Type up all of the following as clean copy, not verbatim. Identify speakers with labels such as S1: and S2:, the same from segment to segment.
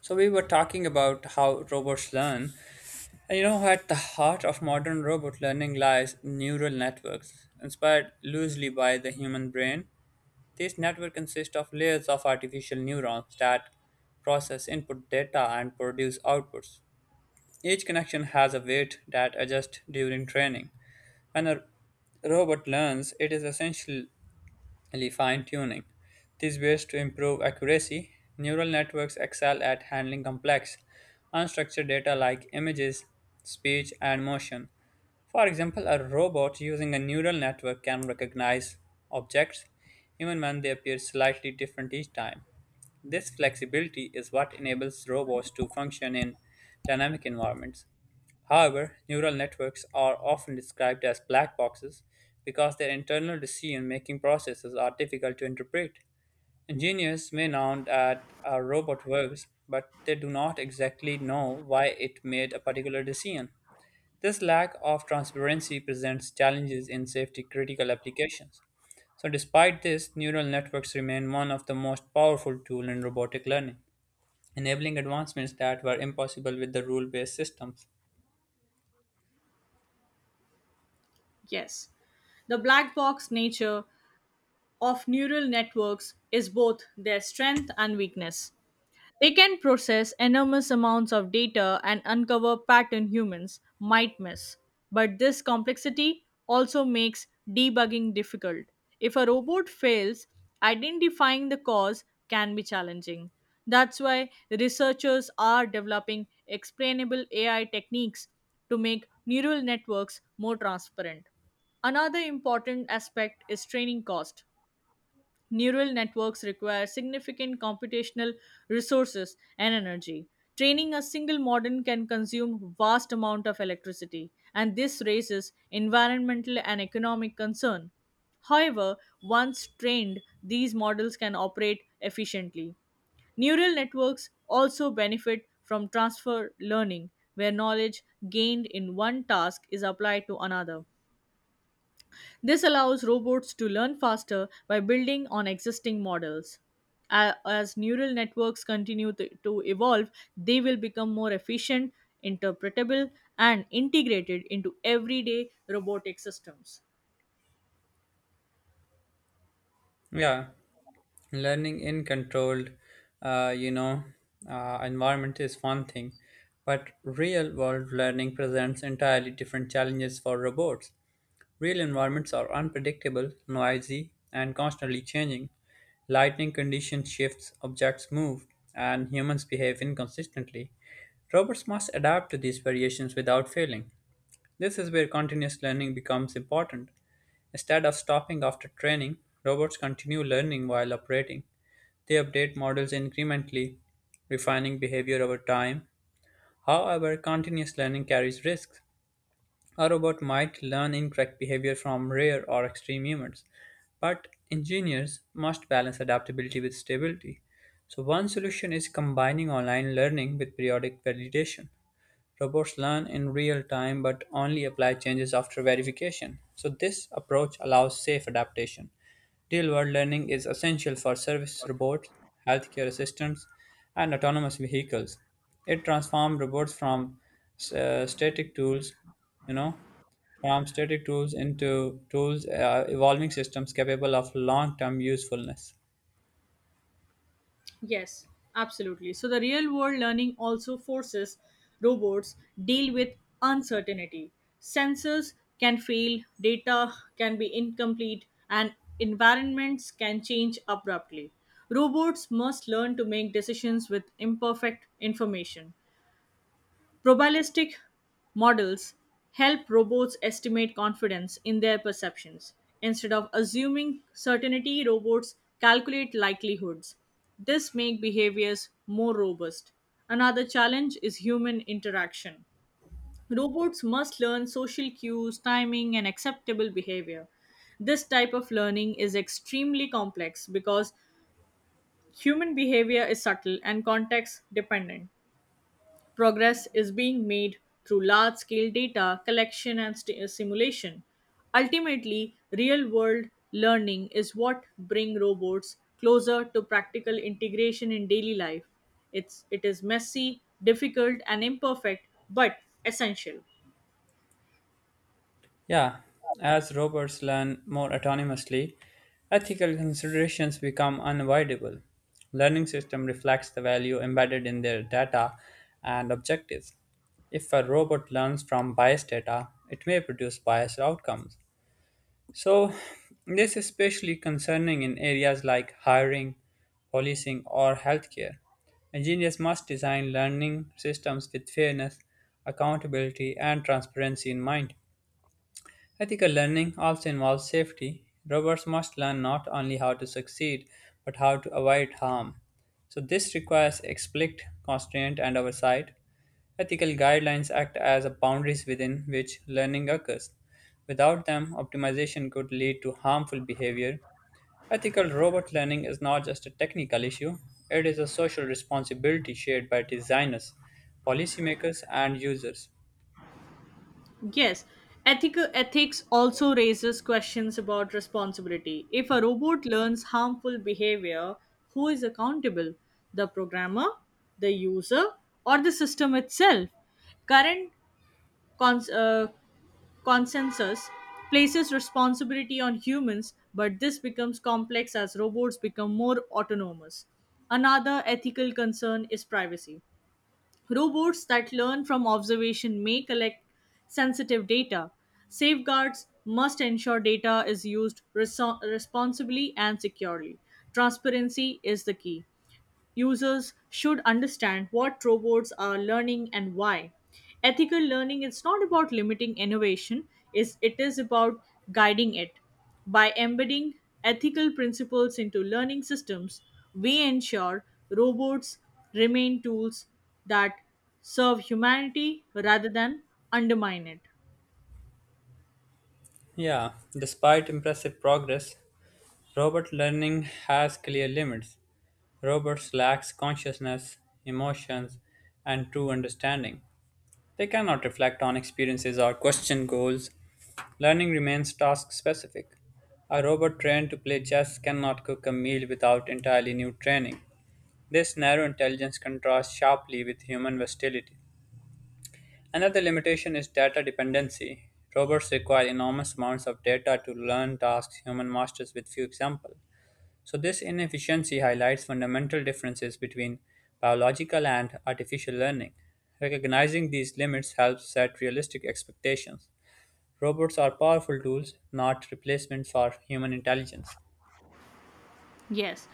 S1: So we were talking about how robots learn. And you know, at the heart of modern robot learning lies neural networks, inspired loosely by the human brain. These networks consist of layers of artificial neurons that process input data and produce outputs. Each connection has a weight that adjusts during training. When a robot learns, it is essentially fine tuning. These ways to improve accuracy, neural networks excel at handling complex, unstructured data like images, speech, and motion. For example, a robot using a neural network can recognize objects even when they appear slightly different each time. This flexibility is what enables robots to function in dynamic environments. However, neural networks are often described as black boxes because their internal decision making processes are difficult to interpret. Engineers may nod at a robot verbs, but they do not exactly know why it made a particular decision. This lack of transparency presents challenges in safety critical applications. So despite this, neural networks remain one of the most powerful tools in robotic learning, enabling advancements that were impossible with the rule-based systems.
S2: Yes, the black box nature of neural networks is both their strength and weakness. They can process enormous amounts of data and uncover pattern humans might miss. But this complexity also makes debugging difficult. If a robot fails, identifying the cause can be challenging. That's why researchers are developing explainable AI techniques to make neural networks more transparent. Another important aspect is training cost. Neural networks require significant computational resources and energy. Training a single model can consume vast amount of electricity, and this raises environmental and economic concern. However, once trained, these models can operate efficiently. Neural networks also benefit from transfer learning, where knowledge gained in one task is applied to another. This allows robots to learn faster by building on existing models. As neural networks continue to evolve, they will become more efficient, interpretable, and integrated into everyday robotic systems.
S1: Yeah, learning in controlled, uh, you know, environment is one thing, but real-world learning presents entirely different challenges for robots. Real environments are unpredictable, noisy, and constantly changing. Lighting conditions shifts, objects move, and humans behave inconsistently. Robots must adapt to these variations without failing. This is where continuous learning becomes important. Instead of stopping after training, robots continue learning while operating. They update models incrementally, refining behavior over time. However, continuous learning carries risks. A robot might learn incorrect behavior from rare or extreme humans, but engineers must balance adaptability with stability. So, one solution is combining online learning with periodic validation. Robots learn in real time but only apply changes after verification. So, this approach allows safe adaptation. Real world learning is essential for service robots, healthcare assistants, and autonomous vehicles. It transforms robots from static you know, tools into tools, evolving systems capable of long term usefulness.
S2: Yes, absolutely. So the real world learning also forces robots deal with uncertainty. Sensors can fail, data can be incomplete, and environments can change abruptly. Robots must learn to make decisions with imperfect information. Probabilistic models help robots estimate confidence in their perceptions. Instead of assuming certainty, robots calculate likelihoods. This makes behaviors more robust. Another challenge is human interaction. Robots must learn social cues, timing, and acceptable behavior. This type of learning is extremely complex because human behavior is subtle and context dependent. Progress is being made through large scale data collection and simulation. Ultimately, real world learning is what brings robots closer to practical integration in daily life. It is messy, difficult, and imperfect, but essential.
S1: Yeah, as robots learn more autonomously, ethical considerations become unavoidable. Learning system reflects the value embedded in their data and objectives. If a robot learns from biased data, it may produce biased outcomes. So, this is especially concerning in areas like hiring, policing, or healthcare. Engineers must design learning systems with fairness, accountability, and transparency in mind. Ethical learning also involves safety. Robots must learn not only how to succeed, but how to avoid harm. So, this requires explicit constraint and oversight. Ethical guidelines act as boundaries within which learning occurs. Without them, optimization could lead to harmful behavior. Ethical robot learning is not just a technical issue, it is a social responsibility shared by designers, policymakers, and users.
S2: Yes, ethical ethics also raises questions about responsibility. If a robot learns harmful behavior, who is accountable? The programmer, the user, or the system itself? Current cons- uh, consensus places responsibility on humans, but this becomes complex as robots become more autonomous. Another ethical concern is privacy. Robots that learn from observation may collect sensitive data. Safeguards must ensure data is used responsibly and securely. Transparency is the key. Users should understand what robots are learning and why. Ethical learning is not about limiting innovation, is it is about guiding it. By embedding ethical principles into learning systems, we ensure robots remain tools that serve humanity rather than undermine it.
S1: Yeah, despite impressive progress, robot learning has clear limits. Robots lack consciousness, emotions, and true understanding. They cannot reflect on experiences or question goals. Learning remains task specific. A robot trained to play chess cannot cook a meal without entirely new training. This narrow intelligence contrasts sharply with human versatility. Another limitation is data dependency. Robots require enormous amounts of data to learn tasks human masters with few examples. So this inefficiency highlights fundamental differences between biological and artificial learning. Recognizing these limits helps set realistic expectations. Robots are powerful tools, not replacements for human intelligence.
S2: Yes.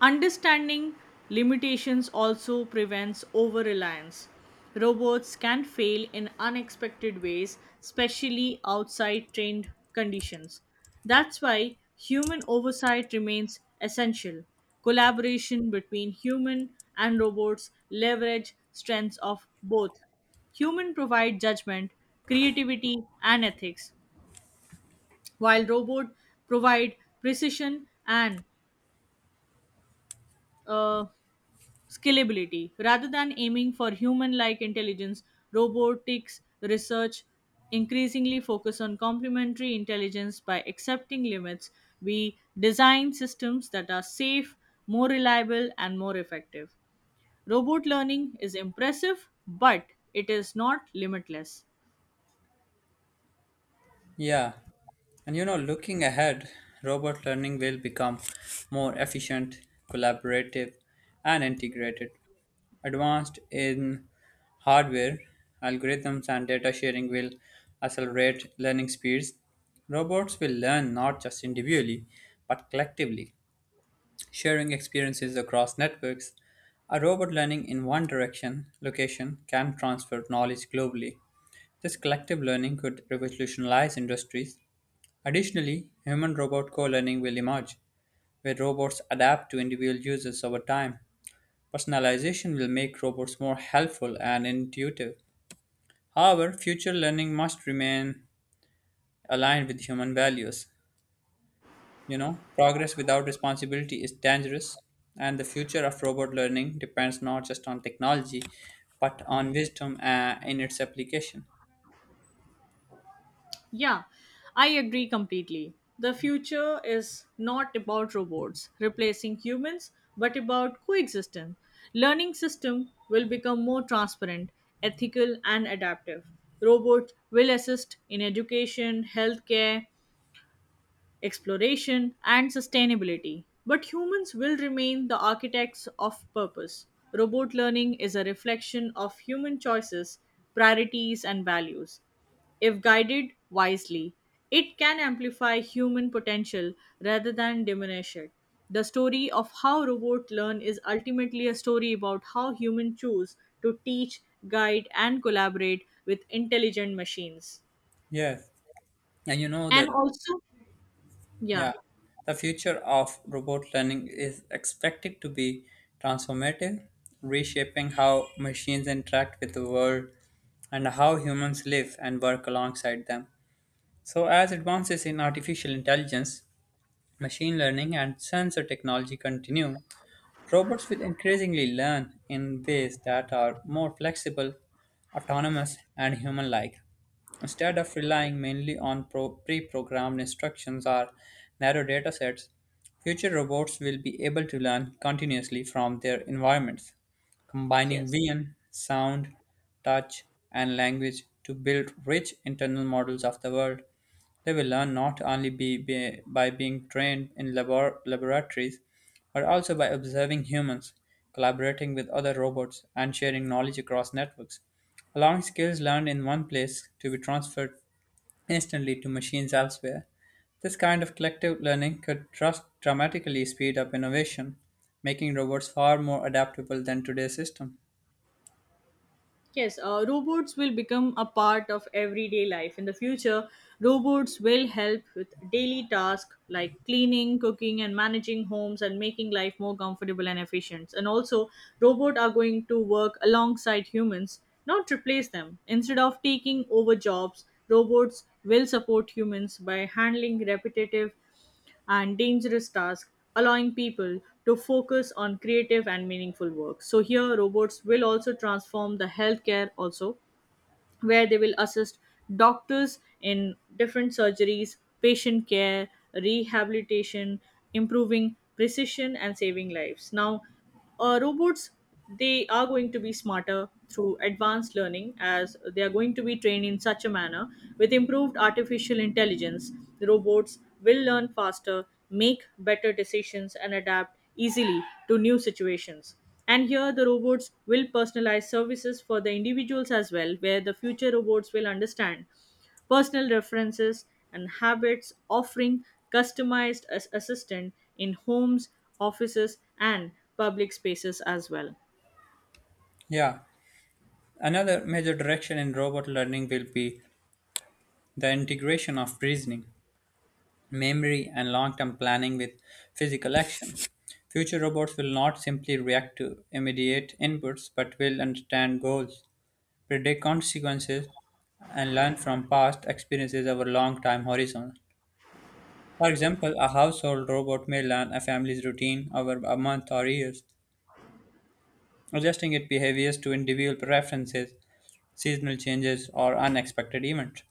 S2: Understanding limitations also prevents over reliance. Robots can fail in unexpected ways, especially outside trained conditions. That's why human oversight remains essential. Collaboration between human and robots leverage strengths of both. Human provide judgment, creativity, and ethics, while robot provide precision and uh, scalability. Rather than aiming for human like intelligence, robotics research increasingly focus on complementary intelligence by accepting limits. We design systems that are safe, more reliable, and more effective. Robot learning is impressive, but it is not limitless.
S1: Yeah, and you know, looking ahead, robot learning will become more efficient, collaborative, and integrated. Advanced in hardware, algorithms, and data sharing will accelerate learning speeds. Robots will learn not just individually, but collectively, sharing experiences across networks. A robot learning in one direction, location, can transfer knowledge globally. This collective learning could revolutionize industries. Additionally, human-robot co-learning will emerge, where robots adapt to individual users over time. Personalization will make robots more helpful and intuitive. However, future learning must remain aligned with human values. You know, progress without responsibility is dangerous, and the future of robot learning depends not just on technology, but on wisdom in its application.
S2: Yeah, I agree completely. The future is not about robots replacing humans, but about coexistence. Learning system will become more transparent, ethical and adaptive. Robots will assist in education, healthcare, exploration, and sustainability. But humans will remain the architects of purpose. Robot learning is a reflection of human choices, priorities, and values. If guided wisely, it can amplify human potential rather than diminish it. The story of how robots learn is ultimately a story about how humans choose to teach, guide, and collaborate with intelligent machines.
S1: Yeah, and you know
S2: And
S1: the
S2: also, yeah,
S1: Yeah, the future of robot learning is expected to be transformative, reshaping how machines interact with the world and how humans live and work alongside them. So, as advances in artificial intelligence machine learning and sensor technology continue, robots will increasingly learn in ways that are more flexible, autonomous, and human like. Instead of relying mainly on pre programmed instructions or narrow datasets, future robots will be able to learn continuously from their environments, combining
S2: yes.
S1: vision, sound, touch, and language to build rich internal models of the world. They will learn not only by being trained in laboratories, but also by observing humans, collaborating with other robots, and sharing knowledge across networks, allowing skills learned in one place to be transferred instantly to machines elsewhere. This kind of collective learning could trust dramatically speed up innovation, making robots far more adaptable than today's system.
S2: Yes, robots will become a part of everyday life. In the future, robots will help with daily tasks like cleaning, cooking, and managing homes and making life more comfortable and efficient. And also, robots are going to work alongside humans, not replace them. Instead of taking over jobs, robots will support humans by handling repetitive and dangerous tasks, allowing people to focus on creative and meaningful work. So here robots will also transform the healthcare also where they will assist doctors in different surgeries, patient care, rehabilitation, improving precision, and saving lives. Now, robots, they are going to be smarter through advanced learning as they are going to be trained in such a manner with improved artificial intelligence. The robots will learn faster, make better decisions, and adapt easily to new situations. And here the robots will personalize services for the individuals as well, where the future robots will understand personal references and habits, offering customized assistant in homes, offices, and public spaces as well.
S1: Yeah, another major direction in robot learning will be the integration of reasoning, memory, and long term planning with physical action. Future robots will not simply react to immediate inputs but will understand goals, predict consequences, and learn from past experiences over long time horizon. For example, a household robot may learn a family's routine over a month or years, adjusting its behaviors to individual preferences, seasonal changes, or unexpected events.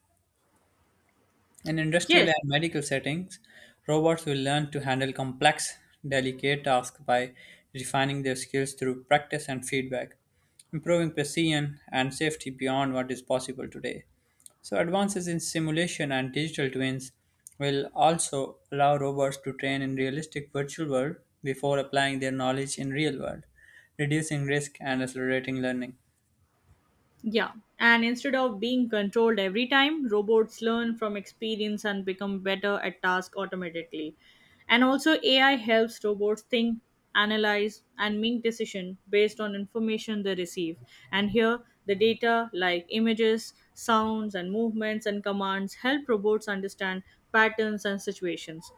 S1: In industrial
S2: Yes.
S1: and medical settings, robots will learn to handle complex, delicate tasks by refining their skills through practice and feedback, improving precision and safety beyond what is possible today. So, advances in simulation and digital twins will also allow robots to train in realistic virtual world before applying their knowledge in real world, reducing risk and accelerating learning.
S2: Yeah, and instead of being controlled every time, robots learn from experience and become better at tasks automatically. And also, AI helps robots think, analyze, and make decisions based on information they receive. And here, the data like images, sounds, and movements and commands help robots understand patterns and situations.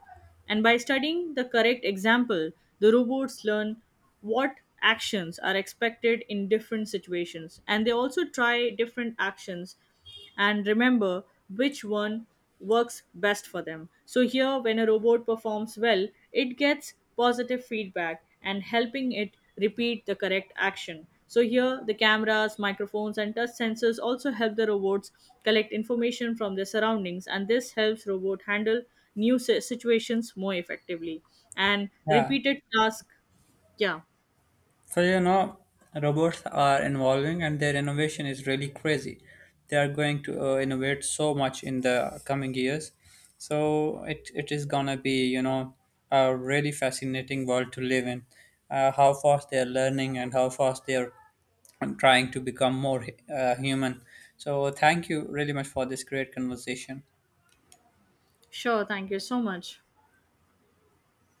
S2: And by studying the correct example, the robots learn what actions are expected in different situations, and they also try different actions and remember which one works best for them. So here, when a robot performs well, it gets positive feedback and helping it repeat the correct action. So here the cameras, microphones, and touch sensors also help the robots collect information from their surroundings, and this helps robot handle new situations more effectively and
S1: Yeah.
S2: repeated task. Yeah.
S1: So you know, robots are evolving, and their innovation is really crazy. They are going to innovate so much in the coming years. So it is gonna be, you know, a really fascinating world to live in. How fast they are learning and how fast they are trying to become more human. So thank you really much for this great conversation.
S2: Sure, thank you so much.